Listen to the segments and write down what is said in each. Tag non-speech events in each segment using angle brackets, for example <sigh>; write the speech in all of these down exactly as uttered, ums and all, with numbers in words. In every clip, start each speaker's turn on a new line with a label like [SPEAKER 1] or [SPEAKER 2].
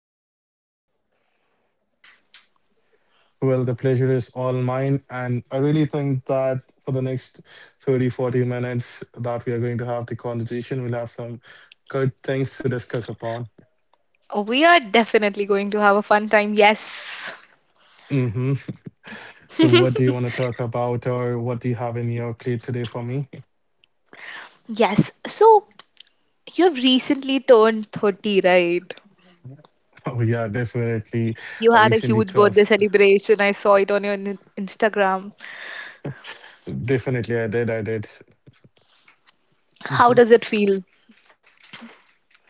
[SPEAKER 1] I am so happy that you are here.
[SPEAKER 2] Well, the pleasure is all mine. And I really think that for the next thirty, forty minutes that we are going to have the conversation, we'll have some good things to discuss upon.
[SPEAKER 1] We are definitely going to have a fun time. Yes.
[SPEAKER 2] hmm So, what do
[SPEAKER 1] <laughs>
[SPEAKER 2] you want to talk about, or what do you have in your plate today for me? <laughs>
[SPEAKER 1] yes. So, you have recently turned thirty, right?
[SPEAKER 2] Oh, yeah, definitely.
[SPEAKER 1] You
[SPEAKER 2] I
[SPEAKER 1] had a
[SPEAKER 2] recently
[SPEAKER 1] huge birthday
[SPEAKER 2] crossed.
[SPEAKER 1] celebration. I saw it on your in- Instagram.
[SPEAKER 2] Definitely, I did. I did.
[SPEAKER 1] How
[SPEAKER 2] Mm-hmm.
[SPEAKER 1] does it feel?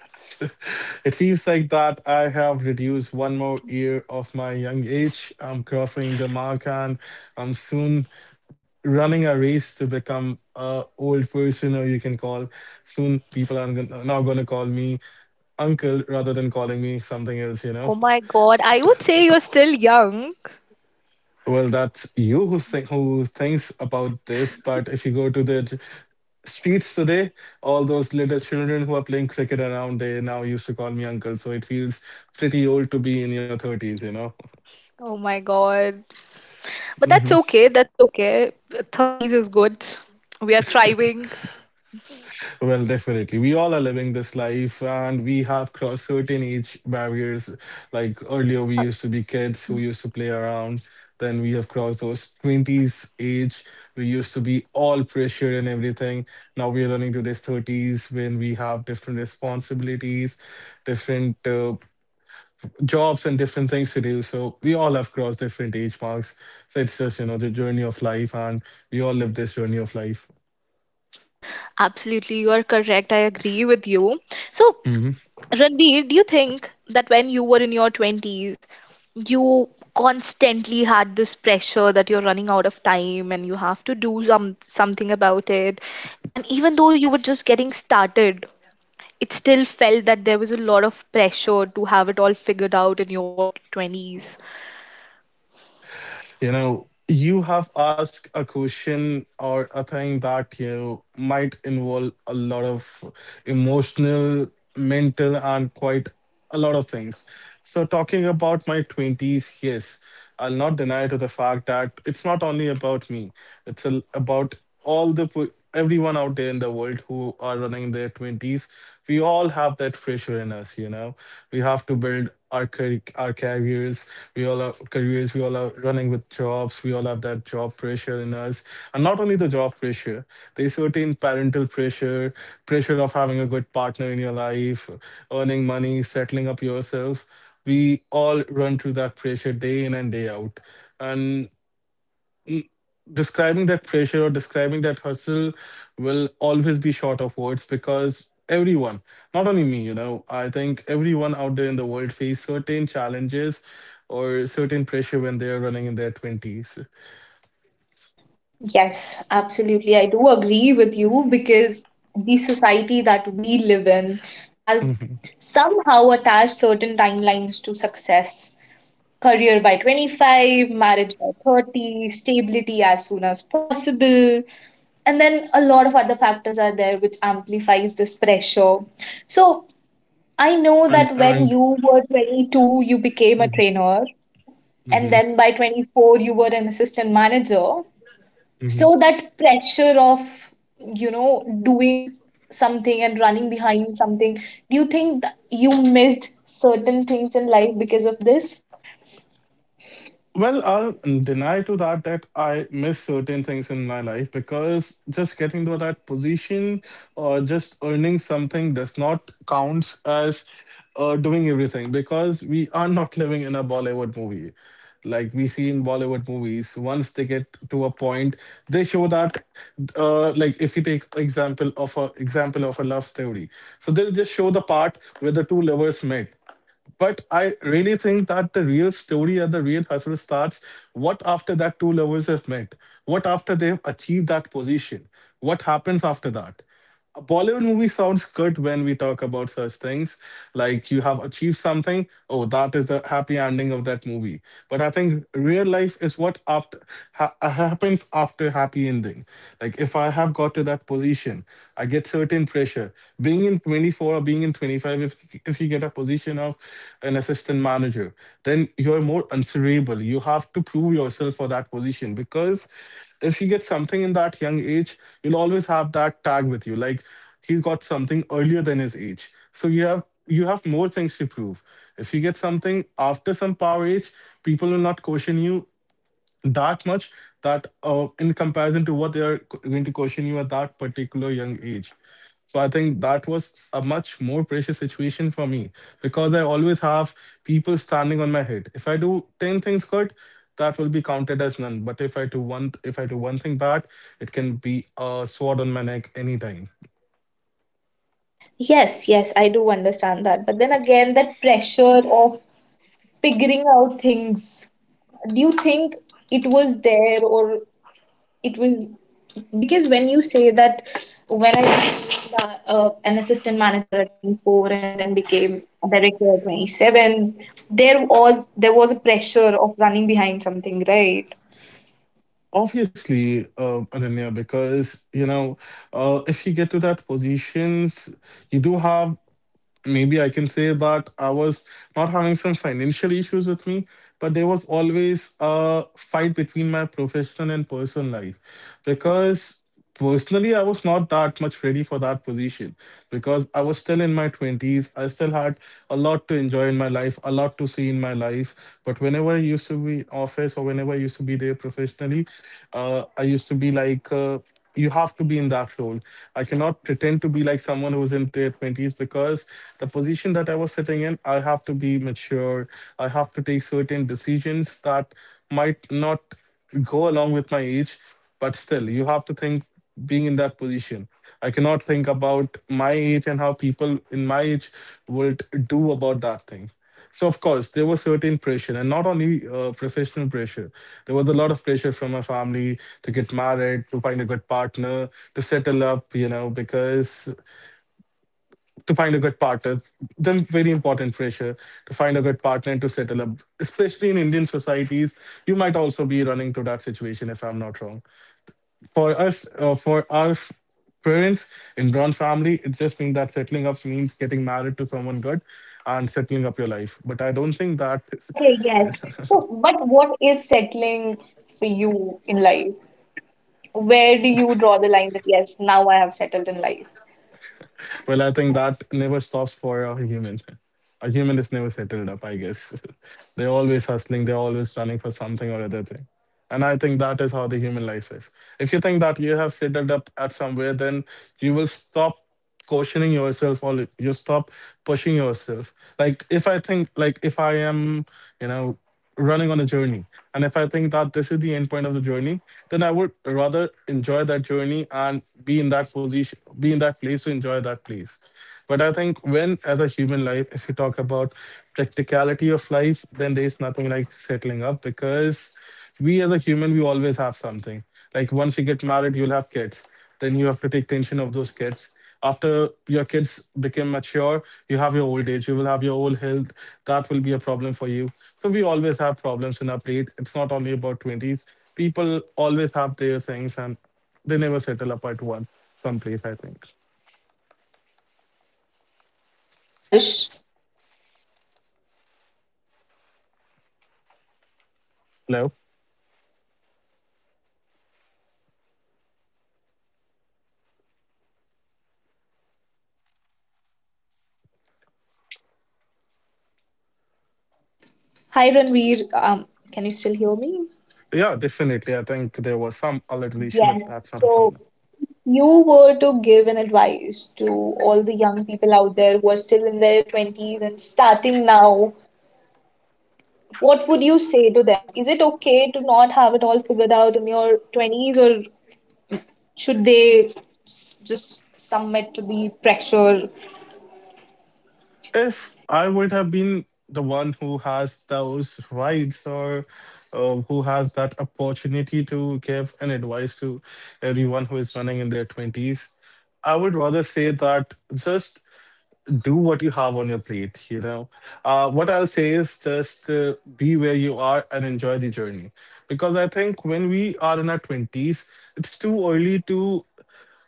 [SPEAKER 2] <laughs> It feels like that I have reduced one more year of my young age. I'm crossing the mark and I'm soon running a race to become a old person, or you can call, soon people are gon- now going to call me uncle rather than calling me something else, you know.
[SPEAKER 1] Oh my god, I would say
[SPEAKER 2] <laughs>
[SPEAKER 1] you're still young.
[SPEAKER 2] Well, that's you who, think, who thinks about this, but if you go to the streets today, all those little children who are playing cricket around, they now used to call me uncle. So it feels pretty old to be in your thirties, you know?
[SPEAKER 1] Oh my god. But that's
[SPEAKER 2] hmm
[SPEAKER 1] okay. That's okay. thirties is good. We are thriving.
[SPEAKER 2] Well, definitely. We all are living this life and we have crossed certain age barriers. Like earlier, we used to be kids who used to play around. Then we have crossed those twenties age. We used to be all pressure and everything. Now we are running to this thirties when we have different responsibilities, different. Uh, jobs and different things to do. So we all have crossed different age marks. So it's just, you know, the journey of life, and we all live this journey of life.
[SPEAKER 1] Absolutely, you are correct. I agree with you. So,
[SPEAKER 2] hmm
[SPEAKER 1] Ranbir, do you think that when you were in your twenties, you constantly had this pressure that you're running out of time and you have to do some something about it? And even though you were just getting started, it still felt that there was a lot of pressure to have it all figured out in your twenties.
[SPEAKER 2] You know, you have asked a question or a thing that, you know, might involve a lot of emotional, mental, and quite a lot of things. So talking about my twenties, yes, I'll not deny to the fact that it's not only about me. It's a, about all the po- everyone out there in the world who are running their twenties. We all have that pressure in us, you know. We have to build our car- our careers. We all have careers, we all are running with jobs, we all have that job pressure in us. And not only the job pressure, there's certain parental pressure, pressure of having a good partner in your life, earning money, settling up yourself. We all run through that pressure day in and day out. And e- describing that pressure or describing that hustle will always be short of words, because everyone, not only me, you know, I think everyone out there in the world face certain challenges or certain pressure when they're running in their twenties.
[SPEAKER 1] Yes, absolutely. I do agree with you because the society that we live in has
[SPEAKER 2] Mhm.
[SPEAKER 1] somehow attached certain timelines to success. Career by twenty-five, marriage by thirty, stability as soon as possible. And then a lot of other factors are there which amplifies this pressure. So I know
[SPEAKER 2] and
[SPEAKER 1] that when
[SPEAKER 2] and
[SPEAKER 1] you were twenty-two, you became a
[SPEAKER 2] Mhm,
[SPEAKER 1] trainer, and
[SPEAKER 2] mhm,
[SPEAKER 1] then by twenty-four, you were an assistant manager.
[SPEAKER 2] mhm.
[SPEAKER 1] So that pressure of, you know, doing something and running behind something, do you think that you missed certain things in life because of this?
[SPEAKER 2] Well, I'll deny to that that I miss certain things in my life, because just getting to that position or just earning something does not count as uh, doing everything, because we are <laughs> not living in a Bollywood movie. Like we see in Bollywood movies, once they get to a point, they show that, uh, like if you take example of a example of a love story, so they'll just show the part where the two lovers met, but I really think that the real story and the real hustle starts what after that two lovers have met, what after they've achieved that position, what happens after that. A Bollywood movie sounds good when we talk about such things. Like you have achieved something, oh, that is the happy ending of that movie. But I think real life is what after ha- happens after happy ending. Like if I have got to that position position. I get certain pressure. Being in twenty-four or being in twenty-five, if if you get a position of an assistant manager, then you're more answerable. You have to prove yourself for that position, because if you get something in that young age, you'll always have that tag with you. Like he's got something earlier than his age. So you have you have more things to prove. If you get something after some power age, people will not question you that much, that uh, in comparison to what they are co- going to question you at that particular young age. So I think that was a much more precious situation for me, because I always have people standing on my head. If I do ten things good, that will be counted as none. But if I do one if I do one thing bad, it can be a sword on my neck anytime.
[SPEAKER 1] Yes, yes, I do understand that. But then again, that pressure of figuring out things, do you think it was there or it was because when you say that when I became uh, uh, an assistant manager at twenty-four and then became a director at twenty-seven, there was there was a pressure of running behind something, right?
[SPEAKER 2] Obviously, uh, Ananya, because you know, uh, if you get to that positions, you do have, maybe I can say that I was not having some financial issues with me, but there was always a fight between my professional and personal life, because personally I was not that much ready for that position, because I was still in my twenties. I still had a lot to enjoy in my life, a lot to see in my life. But whenever I used to be in office or whenever I used to be there professionally, uh, I used to be like, uh, you have to be in that role. I cannot pretend to be like someone who's in their twenties, because the position that I was sitting in, I have to be mature. I have to take certain decisions that might not go along with my age, but still, you have to think being in that position. I cannot think about my age and how people in my age would do about that thing. So of course there was certain pressure, and not only uh, professional pressure. There was a lot of pressure from my family to get married, to find a good partner, to settle up. You know, because to find a good partner, then very important pressure to find a good partner and to settle up. Especially in Indian societies, you might also be running through that situation if I'm not wrong. For us, uh, for our f- parents in Brown family, it just means that settling up means getting married to someone good and settling up your life. But I don't think that.
[SPEAKER 1] Okay, yes.
[SPEAKER 2] <laughs>
[SPEAKER 1] So, but what is settling for you in life? Where do you draw the line that yes, now I have settled in life?
[SPEAKER 2] Well, I think that never stops for a human. A human is never settled up, I guess. <laughs> They're always hustling, they're always running for something or other thing. And I think that is how the human life is. If you think that you have settled up at somewhere, then you will stop questioning yourself, or you stop pushing yourself. Like if I think, like if I am, you know, running on a journey, and if I think that this is the end point of the journey, then I would rather enjoy that journey and be in that position, be in that place to enjoy that place. But I think when, as a human life, if you talk about practicality of life, then there's nothing like settling up, because we as a human, we always have something. Like once you get married, you'll have kids. Then you have to take tension of those kids. After your kids become mature, you have your old age, you will have your old health, that will be a problem for you. So we always have problems in our plate. It's not only about twenties, people always have their things and they never settle up at one someplace, I think.
[SPEAKER 1] Yes, I guess you're right. So, Yash, if you were to give an advice to the young generation, for
[SPEAKER 2] Hello.
[SPEAKER 1] example, people who are in their hello, am I audible? Hello, hi Ranveer, um, can you still hear me?
[SPEAKER 2] Yeah, definitely, I think there was some a little issue, but
[SPEAKER 1] Yes.
[SPEAKER 2] that's not a
[SPEAKER 1] So,
[SPEAKER 2] problem.
[SPEAKER 1] you were to give an advice to all the young people out there who are still in their twenties and starting now, what would you say to them? Is it okay to not have it all figured out in your twenties, or should they s- just submit to the pressure?
[SPEAKER 2] If I would have been the one who has those rights, or uh, who has that opportunity to give an advice to everyone who is running in their twenties, I would rather say that just do what you have on your plate. You know, uh, what I'll say is just uh, be where you are and enjoy the journey. Because I think when we are in our twenties, it's too early to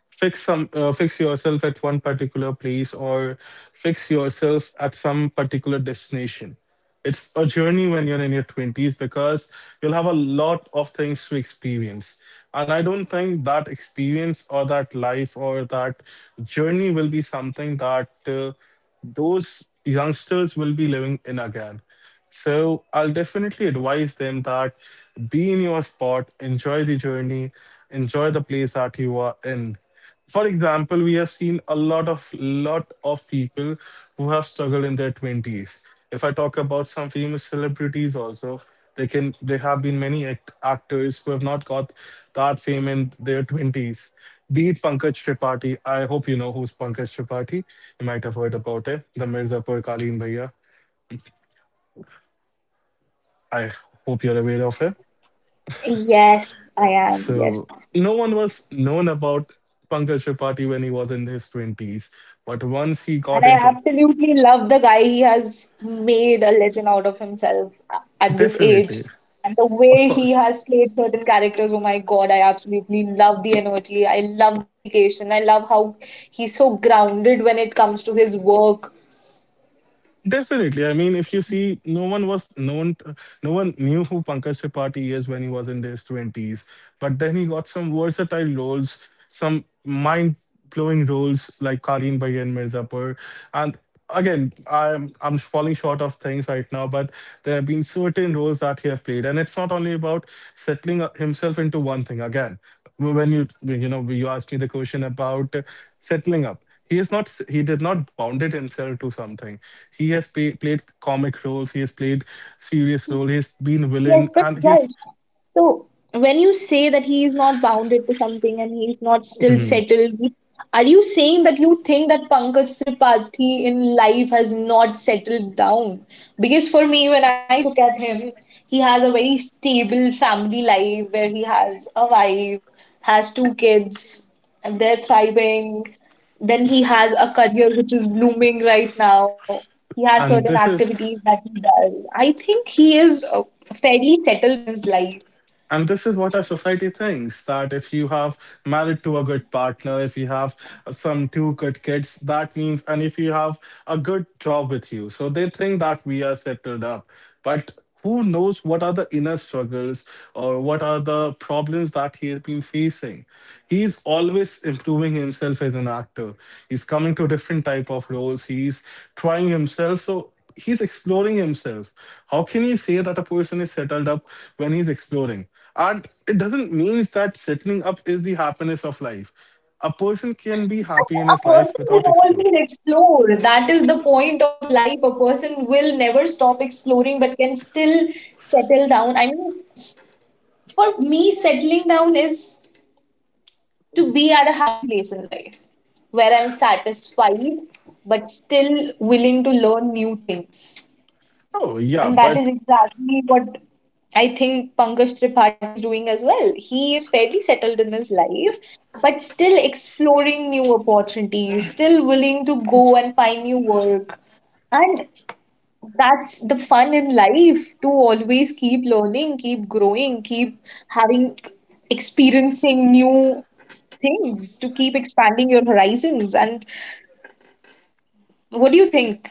[SPEAKER 2] fix some uh, fix yourself at one particular place or fix yourself at some particular destination. It's a journey when you're in your twenties, because you'll have a lot of things to experience, and I don't think that experience or that life or that journey will be something that uh, those youngsters will be living in again. So I'll definitely advise them that be in your spot, enjoy the journey, enjoy the place that you are in. For example, we have seen a lot of lot of people who have struggled in their twenties. If I talk about some famous celebrities, also they can there have been many act- actors who have not got that fame in their twenties. Be it Pankaj Tripathi, I hope you know who's Pankaj Tripathi. You might have heard about him, the Mirzapur Kaleen Bhaiya. I hope you're aware of him.
[SPEAKER 1] Yes, I am. Yes.
[SPEAKER 2] So no one was known about Pankaj Tripathi when he was in his twenties, but once he
[SPEAKER 1] And
[SPEAKER 2] got
[SPEAKER 1] I
[SPEAKER 2] into,
[SPEAKER 1] absolutely love the guy. He has made a legend out of himself a- at this age.
[SPEAKER 2] definitely,
[SPEAKER 1] And the
[SPEAKER 2] of
[SPEAKER 1] way he
[SPEAKER 2] course.
[SPEAKER 1] has played certain characters, oh my God, I absolutely love the energy. I love the dedication. I love how he's so grounded when it comes to his work.
[SPEAKER 2] Definitely. I mean, if you see, no one was known, no one knew who Pankaj Tripathi is when he was in his twenties. But then he got some versatile roles, some mind blowing roles like Karin Bhai and Mirzapur. And again, I'm, I'm falling short of things right now, but there have been certain roles that he has played. And it's not only about settling himself into one thing again when you you know you asked me the question about settling up. He is not, he did not bounded himself to something. He has pay, played comic roles, he has played serious role, he has been
[SPEAKER 1] Yes,
[SPEAKER 2] villain,
[SPEAKER 1] but
[SPEAKER 2] and he's
[SPEAKER 1] yes. So when you say that he is not bounded to something and he is not still settled, are you saying that you think that Pankaj Tripathi in life has not settled down? Because for me, when I look at him, he has a very stable family life where he has a wife, has two kids, and they're thriving. Then he has a career which is blooming right now. He has
[SPEAKER 2] and
[SPEAKER 1] certain
[SPEAKER 2] this
[SPEAKER 1] activities
[SPEAKER 2] is.
[SPEAKER 1] that he does. I think he is uh, fairly settled in his life.
[SPEAKER 2] And this is what our society thinks that if you have married to a good partner, if you have some two good kids, that means, and if you have a good job with you. So they think that we are settled up. But who knows what are the inner struggles or what are the problems that he has been facing? He is always improving himself as an actor. He's coming to different type of roles. He's trying himself. So he's exploring himself. How can you say that a person is settled up when he's exploring? And it doesn't mean that settling up is the happiness of life. A person can be happy in his
[SPEAKER 1] A
[SPEAKER 2] life
[SPEAKER 1] person will
[SPEAKER 2] without exploring.
[SPEAKER 1] always explore. That is the point of life. A person will never stop exploring but can still settle down. I mean, for me, settling down is to be at a happy place in life where I'm satisfied but still willing to learn new things.
[SPEAKER 2] Oh yeah,
[SPEAKER 1] And that
[SPEAKER 2] but.
[SPEAKER 1] is exactly what I think Pankaj Tripathi is doing as well. He is fairly settled in his life, but still exploring new opportunities, still willing to go and find new work. And that's the fun in life, to always keep learning, keep growing, keep having, experiencing new things, to keep expanding your horizons. And what do you think?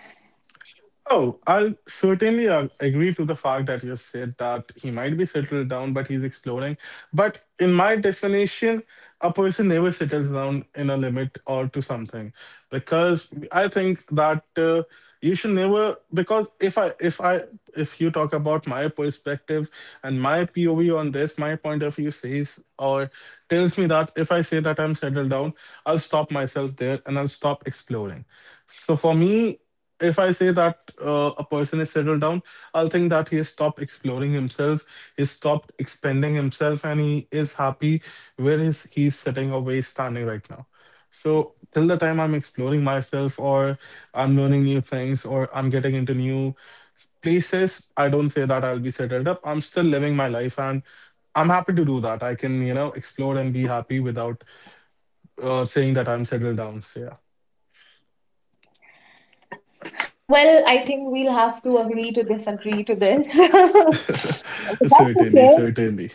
[SPEAKER 2] Oh, I'll certainly uh, agree to the fact that you've said that he might be settled down, but he's exploring. But in my definition, a person never settles down in a limit or to something, because I think that uh, you should never. Because if I, if I, if you talk about my perspective and my P O V on this, my point of view says or tells me that if I say that I'm settled down, I'll stop myself there and I'll stop exploring. So for me, if I say that uh, a person is settled down, I'll think that he has stopped exploring himself, he's stopped expanding himself, and he is happy where is he's sitting or where he's standing right now. So till the time I'm exploring myself or I'm learning new things or I'm getting into new places, I don't say that I'll be settled up. I'm still living my life and I'm happy to do that. I can, you know, explore and be happy without uh, saying that I'm settled down. So yeah.
[SPEAKER 1] Well, I think we'll have to agree to disagree to this. <laughs> But
[SPEAKER 2] <laughs>
[SPEAKER 1] that's
[SPEAKER 2] Certainly,
[SPEAKER 1] okay.
[SPEAKER 2] certainly.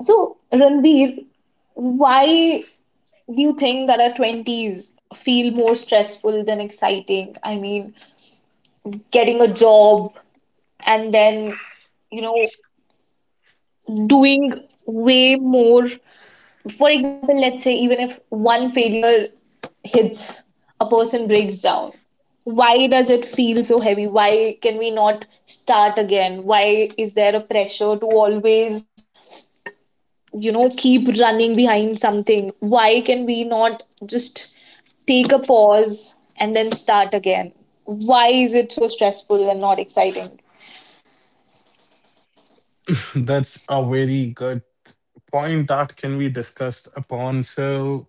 [SPEAKER 1] So, Ranveer, why do you think that our twenties feel more stressful than exciting? I mean, getting a job and then, you know, doing way more, for example, let's say even if one failure hits, a person breaks down. Why does it feel so heavy? Why can we not start again? Why is there a pressure to always, you know, keep running behind something? Why can we not just take a pause and then start again? Why is it so stressful and not exciting?
[SPEAKER 2] That's a very good point that can be discussed upon. So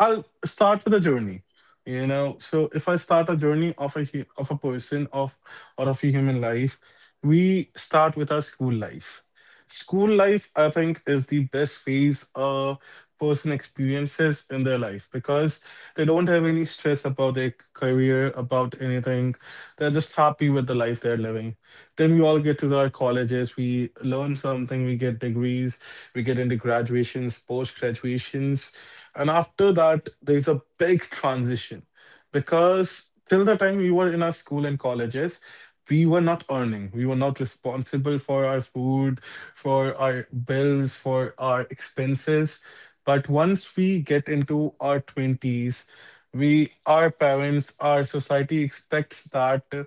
[SPEAKER 2] I'll start with a journey. You know, so if I start a journey of a hu- of a person of or of a human life, we start with our school life. School life, I think, is the best phase a person experiences in their life because they don't have any stress about their career, about anything. They're just happy with the life they're living. Then we all get to our colleges, we learn something, we get degrees, we get into graduations, post graduations. And after that, there's a big transition because till the time we were in our school and colleges, we were not earning, we were not responsible for our food, for our bills, for our expenses. But once we get into our twenties, we, our parents, our society expects that uh,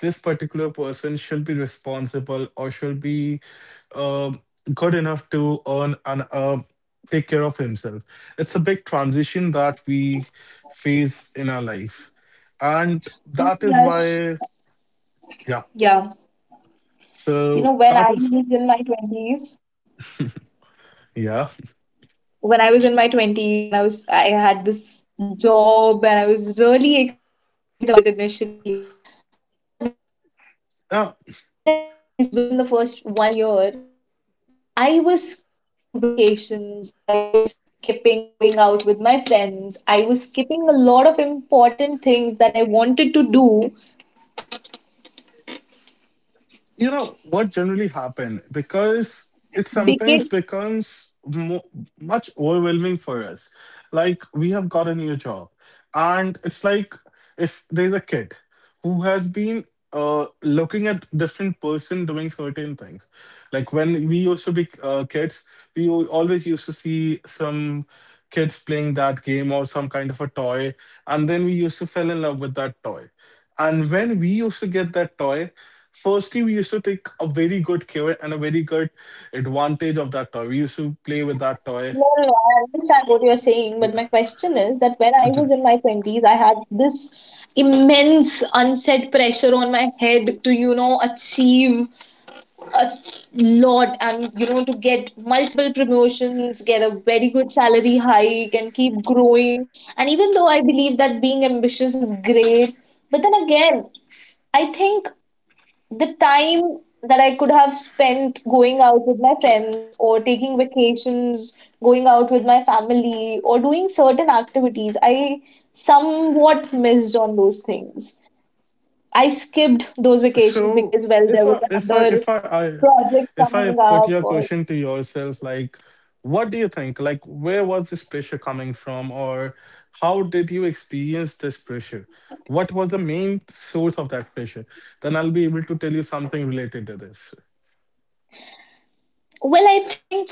[SPEAKER 2] this particular person should be responsible or should be um good enough to earn and uh take care of himself. It's a big transition that we phase in our life. And
[SPEAKER 1] You
[SPEAKER 2] that is
[SPEAKER 1] know,
[SPEAKER 2] why, yeah.
[SPEAKER 1] yeah. You
[SPEAKER 2] So
[SPEAKER 1] know, when
[SPEAKER 2] that
[SPEAKER 1] I
[SPEAKER 2] is,
[SPEAKER 1] was in my 20s,
[SPEAKER 2] yeah.
[SPEAKER 1] when I was in my twenties and I was I had this job and I was really excited about it initially. But then
[SPEAKER 2] Yeah,
[SPEAKER 1] I realized within the first one year that I was skipping vacations, I was skipping going out with my friends, I was skipping a lot of important things that I wanted to do
[SPEAKER 2] you know what generally happen, because it sometimes
[SPEAKER 1] because
[SPEAKER 2] becomes mo- much overwhelming for us. Like we have got a new job and it's like if there's a kid who has been uh, looking at different person doing certain things, like when we used to be uh, kids, we al- always used to see some kids playing that game or some kind of a toy, and then we used to fell in love with that toy, and when we used to get that toy. Firstly, we used to take a very good care and a very good advantage of that toy. We used to play with that toy.
[SPEAKER 1] no, no, no, I understand what you're saying, but
[SPEAKER 2] Yeah.
[SPEAKER 1] my question is that when I was in my twenties, I had this immense unsaid pressure on my head to, you know, achieve a lot and, you know, to get multiple promotions, get a very good salary hike, and keep growing. And even though I believe that being ambitious is great, but then again, I think the time that I could have spent going out with my friends or taking vacations, going out with my family, or doing certain activities, I somewhat missed on those things. I skipped those vacations
[SPEAKER 2] So
[SPEAKER 1] because, well, there
[SPEAKER 2] if
[SPEAKER 1] was
[SPEAKER 2] I if I
[SPEAKER 1] another
[SPEAKER 2] if I, I,
[SPEAKER 1] project
[SPEAKER 2] if I
[SPEAKER 1] coming
[SPEAKER 2] put
[SPEAKER 1] up
[SPEAKER 2] your
[SPEAKER 1] or
[SPEAKER 2] question to yourself, like what do you think? Like where was this pressure coming from or how did you experience this pressure? What was the main source of that pressure? Then I'll be able to tell you something related to this.
[SPEAKER 1] well, I think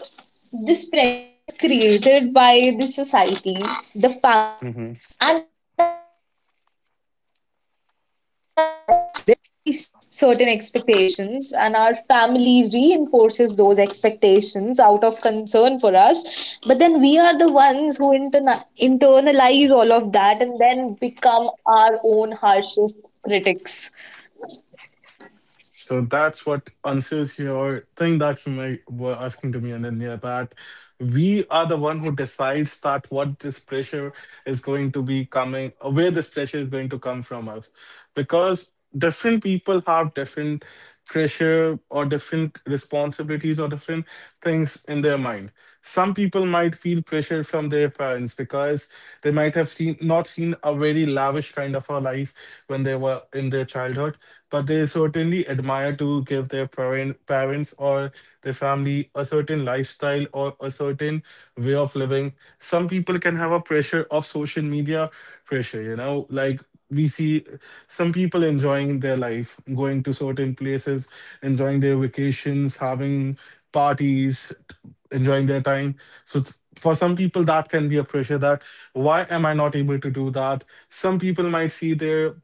[SPEAKER 1] this pressure is created by the society, the family, and ourselves. It comes from within. So the society sets certain expectations, and our family reinforces those expectations out of concern for us. But then we are the ones who interna- internalize all of that and then become our own harshest critics.
[SPEAKER 2] So that's what answers your thing that you may, were asking to me, and Ananya, that we are the one who decides that what this pressure is going to be coming, where this pressure is going to come from us. Because different people have different pressure or different responsibilities or different things in their mind. Some people might feel pressure from their parents because they might have seen not seen a very lavish kind of a life when they were in their childhood, but they certainly admire to give their parent, parents or their family a certain lifestyle or a certain way of living. Some people can have a pressure of social media pressure, you know, like we see some people enjoying their life, going to certain places, enjoying their vacations, having parties, enjoying their time. So it's, for some people, that can be a pressure that why am I not able to do that? Some people might see their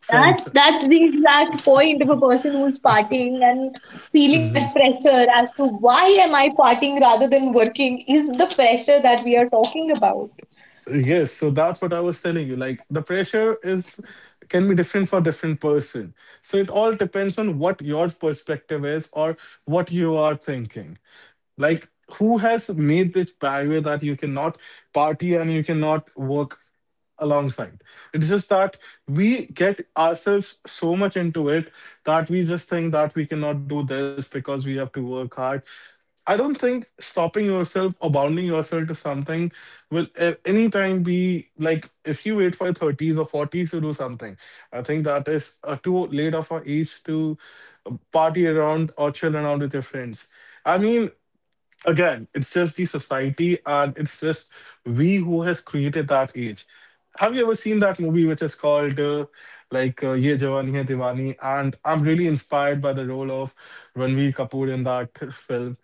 [SPEAKER 2] friends.
[SPEAKER 1] That's that's the exact point. Of a person who's partying and feeling that pressure as to why am I partying rather than working is the pressure that we are talking about.
[SPEAKER 2] Yes, so that's what I was telling you. Like the pressure is can be different for different person. So it all depends on what your perspective is or what you are thinking. Like who has made this barrier that you cannot party and you cannot work alongside. It's just that we get ourselves so much into it that we just think that we cannot do this because we have to work hard. I don't think stopping yourself or bounding yourself to something will a- anytime be like if you wait for your thirties or forties to do something. I think that is uh, too late of an age to uh, party around or chill around with your friends. I mean, again, it's just the society and it's just we who has created that age. Have you ever seen that movie which is called uh, like uh, Ye Jawani Hai Diwani? And I'm really inspired by the role of Ranveer Kapoor in that film,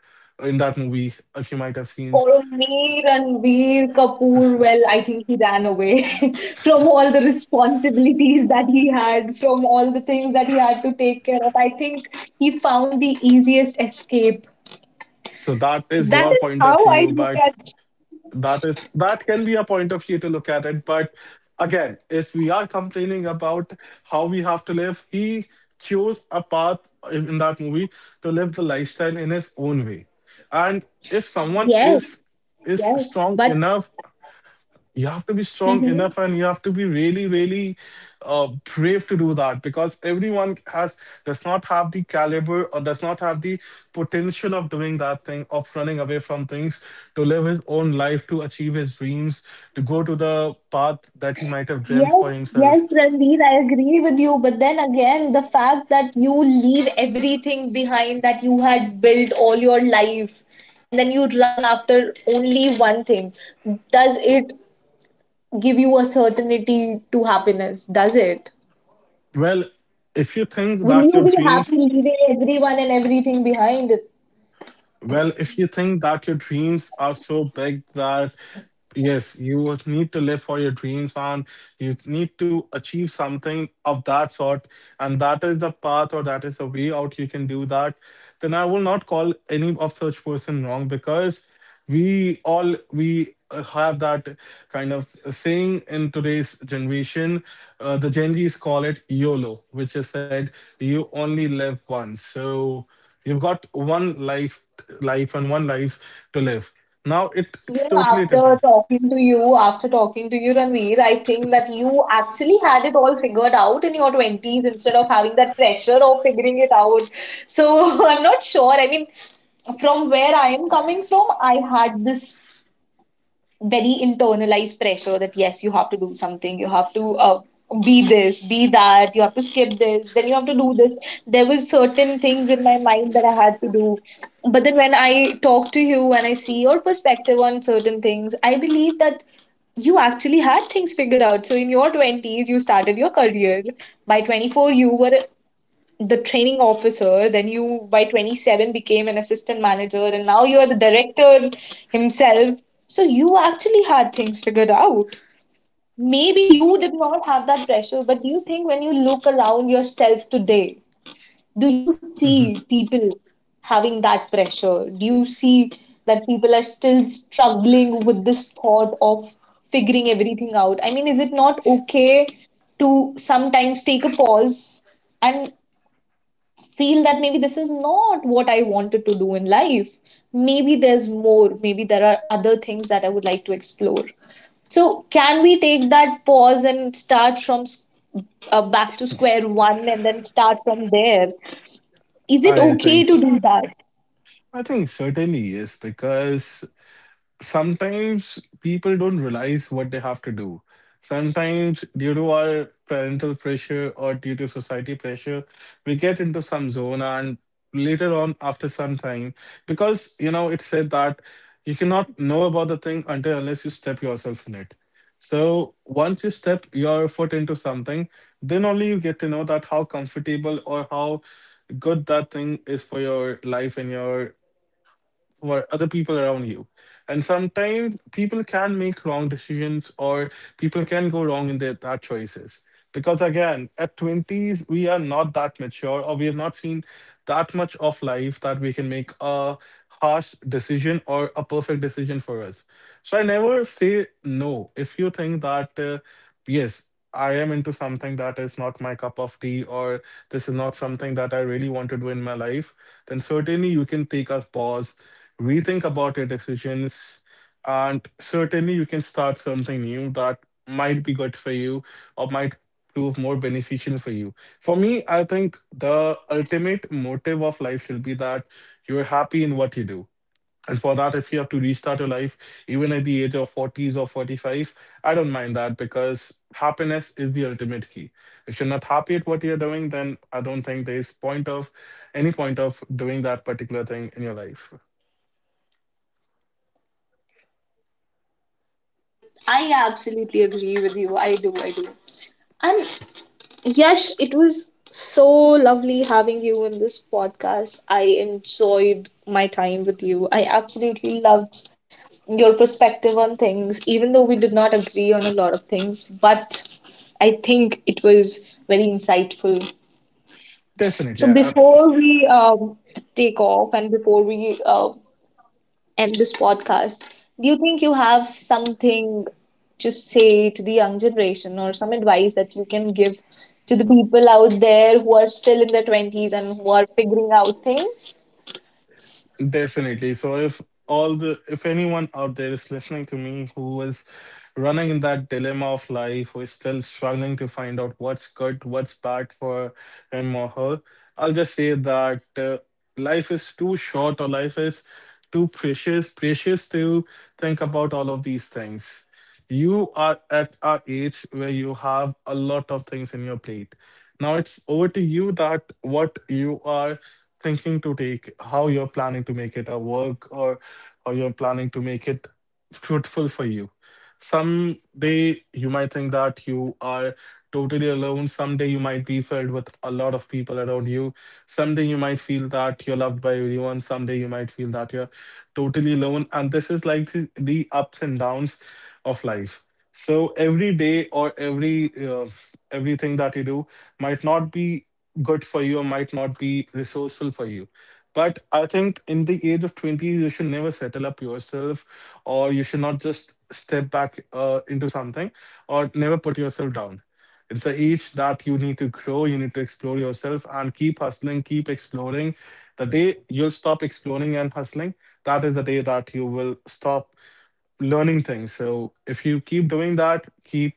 [SPEAKER 2] in that movie, if you might have seen.
[SPEAKER 1] For me, Ranveer Kapoor, well, I think he ran away <laughs> from all the responsibilities that he had, from all the things that he had to take care of. I think he found the easiest escape.
[SPEAKER 2] So that is
[SPEAKER 1] That
[SPEAKER 2] your
[SPEAKER 1] is
[SPEAKER 2] point
[SPEAKER 1] how
[SPEAKER 2] of
[SPEAKER 1] I
[SPEAKER 2] view,
[SPEAKER 1] look
[SPEAKER 2] but
[SPEAKER 1] at.
[SPEAKER 2] that is that can be a point of view to look at it, but again, if we are complaining about how we have to live, he chose a path in in that movie to live the lifestyle in his own way. And if someone
[SPEAKER 1] Yes,
[SPEAKER 2] is is
[SPEAKER 1] yes,
[SPEAKER 2] strong
[SPEAKER 1] but
[SPEAKER 2] enough, you have to be strong
[SPEAKER 1] mhm.
[SPEAKER 2] enough and you have to be really really uh, brave to do that, because everyone has does not have the caliber or does not have the potential of doing that thing of running away from things to live his own life, to achieve his dreams, to go to the path that he might have dreamt
[SPEAKER 1] Yes,
[SPEAKER 2] for himself.
[SPEAKER 1] yes, Ranveer, I agree with you. But then again, the fact that you leave everything behind that you had built all your life and then you run after only one thing, does it give you a certainty to happiness? Does it?
[SPEAKER 2] Well if you think
[SPEAKER 1] Will you
[SPEAKER 2] that your
[SPEAKER 1] be
[SPEAKER 2] dreams.
[SPEAKER 1] happy leaving everyone and everything behind?
[SPEAKER 2] Well, if you think that your dreams are so big that yes, you would need to live for your dreams and you need to achieve something of that sort, and that is the path or that is the way out you can do that, then I will not call any of such person wrong because we all we uh, have that kind of saying in today's generation. Uh, the Gen Z's call it YOLO, which is said you only live once. So you've got one life, life and one life to live. Now it,
[SPEAKER 1] You
[SPEAKER 2] it's
[SPEAKER 1] know,
[SPEAKER 2] totally
[SPEAKER 1] after
[SPEAKER 2] different.
[SPEAKER 1] talking to you, after talking to you, Ranveer, I think that you actually had it all figured out in your twenties instead of having that pressure of figuring it out. So <laughs> I'm not sure. I mean, from where I am coming from, I had this very internalized pressure that yes, you have to do something, you have to uh, be this, be that, you have to skip this, then you have to do this. There was certain things in my mind that I had to do, but then when I talk to you and I see your perspective on certain things, I believe that you actually had things figured out. So in your twenties, you started your career. By twenty four, you were the training officer, then you by twenty-seven became an assistant manager and now you're the director himself. So you actually had things figured out. Maybe you did not have that pressure, but do you think when you look around yourself today, do you see people having that pressure? Do you see that people are still struggling with this thought of figuring everything out? I mean, is it not okay to sometimes take a pause and feel that maybe this is not what I wanted to do in life. Maybe there's more. Maybe there are other things that I would like to explore. So, can we take that pause and start from s- uh, back to square one and then start from there? Is it
[SPEAKER 2] i
[SPEAKER 1] okay
[SPEAKER 2] think
[SPEAKER 1] to do that?
[SPEAKER 2] I think certainly yes, because sometimes people don't realize what they have to do. Sometimes, due to our parental pressure or due to society pressure, we get into some zone, and later on, after some time, because you know, it said that you cannot know about the thing until unless you step yourself in it. So, once you step your foot into something, then only you get to know that how comfortable or how good that thing is for your life and your for other people around you. And sometimes people can make wrong decisions or people can go wrong in their bad choices. Because again, at twenties, we are not that mature or we have not seen that much of life that we can make a harsh decision or a perfect decision for us. So I never say no. If you think that, uh, yes, I am into something that is not my cup of tea, or this is not something that I really want to do in my life, then certainly you can take a pause, rethink about your decisions, and certainly you can start something new that might be good for you or might prove more beneficial for you. For me, I think the ultimate motive of life should be that you're happy in what you do. And for that, if you have to restart your life even at the age of forties or forty-five, I don't mind that, because happiness is the ultimate key. If you're not happy at what you're doing, then I don't think there's point of, any point of doing that particular thing in your life.
[SPEAKER 1] No, I I absolutely agree with you. I do, I do. And Yash, it was so lovely having you in this podcast. I enjoyed my time with you. I absolutely loved your perspective on things, even though we did not agree on a lot of things, but I think it was very insightful.
[SPEAKER 2] Definitely,
[SPEAKER 1] So
[SPEAKER 2] I- I-
[SPEAKER 1] before we um, take off and before we uh, end this podcast, do you think you have something to say to the young generation or some advice that you can give to the people out there who are still in their twenties and who are figuring out things?
[SPEAKER 2] definitely. So if all the if anyone out there is listening to me who is running in that dilemma of life, who is still struggling to find out what's good, what's bad for him or her, I'll just say that uh, life is too short, or life is too precious, precious to think about all of these things. You are at a age where you have a lot of things in your plate. Now it's over to you that what you are thinking to take, how you're planning to make it a work, or how you're planning to make it fruitful for you. Someday you might think that you are totally alone. Someday you might be filled with a lot of people around you. Someday you might feel that you're loved by everyone. Someday you might feel that you're totally alone. And this is like the, the ups and downs of life. So every day, or every uh, everything that you do might not be good for you or might not be resourceful for you. But I think in the age of twenty, you should never settle up yourself, or you should not just step back uh, into something, or never put yourself down. It's the age that you need to grow, you need to explore yourself and keep hustling, keep exploring. The day you'll stop exploring and hustling, that is the day that you will stop learning things. So if you keep doing that, keep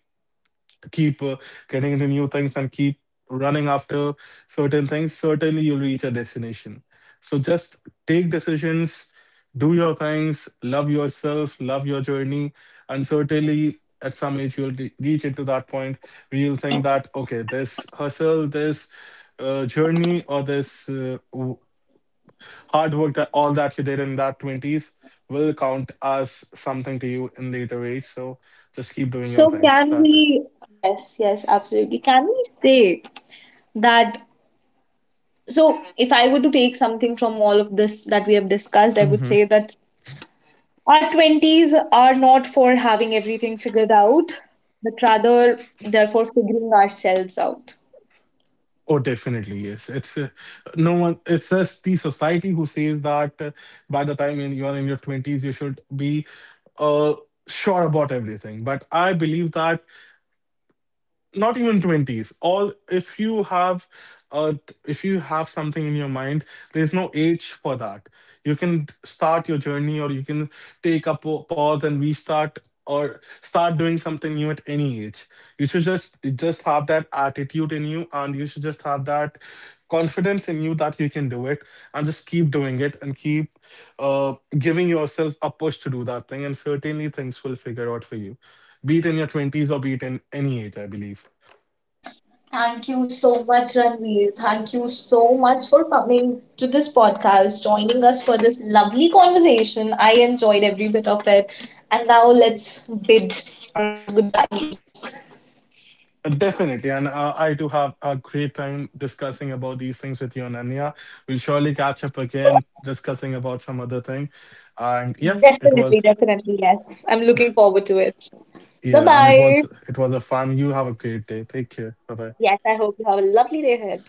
[SPEAKER 2] keep uh, getting into new things and keep running after certain things, certainly you'll reach a destination. So just take decisions, do your things, love yourself, love your journey, and certainly at some age you'll re- reach into that point where you'll think that, okay, this hustle, this uh, journey, or this uh, w- hard work that all that you did in that twenties will count as something to you in later age. So just keep doing your
[SPEAKER 1] So,
[SPEAKER 2] things.
[SPEAKER 1] can
[SPEAKER 2] That.
[SPEAKER 1] we, yes, yes, absolutely. Can we say that, so if I were to take something from all of this that we have discussed, I would say that our twenties are not for having everything figured out but rather they're for figuring ourselves out.
[SPEAKER 2] Oh, definitely, yes. It's uh, no one. It's just the society who says that uh, by the time in, you're in your twenties, you should be uh, sure about everything. But I believe that not even twenties, all, if you have uh if you have something in your mind, there's no age for that. You can start your journey, or you can take a pa- pause and restart, or start doing something new at any age. You should just just have that attitude in you, and you should just have that confidence in you that you can do it, and just keep doing it and keep uh giving yourself a push to do that thing, and certainly things will figure out for you, be it in your twenties or be it in any age, I believe.
[SPEAKER 1] Thank you so much, Ranveer. Thank you so much for coming to this podcast, joining us for this lovely conversation. I enjoyed every bit of it. And now let's bid our goodbyes.
[SPEAKER 2] Definitely, and uh, I do have a great time discussing about these things with you, Ananya. We'll surely catch up again discussing about some other thing. And yeah, it
[SPEAKER 1] Definitely,
[SPEAKER 2] was
[SPEAKER 1] definitely, yes, I'm looking forward to it. Bye
[SPEAKER 2] yeah, and it
[SPEAKER 1] bye.
[SPEAKER 2] was it was a fun. You have a great day. Take care. Bye bye.
[SPEAKER 1] Yes, I hope you have a lovely day ahead.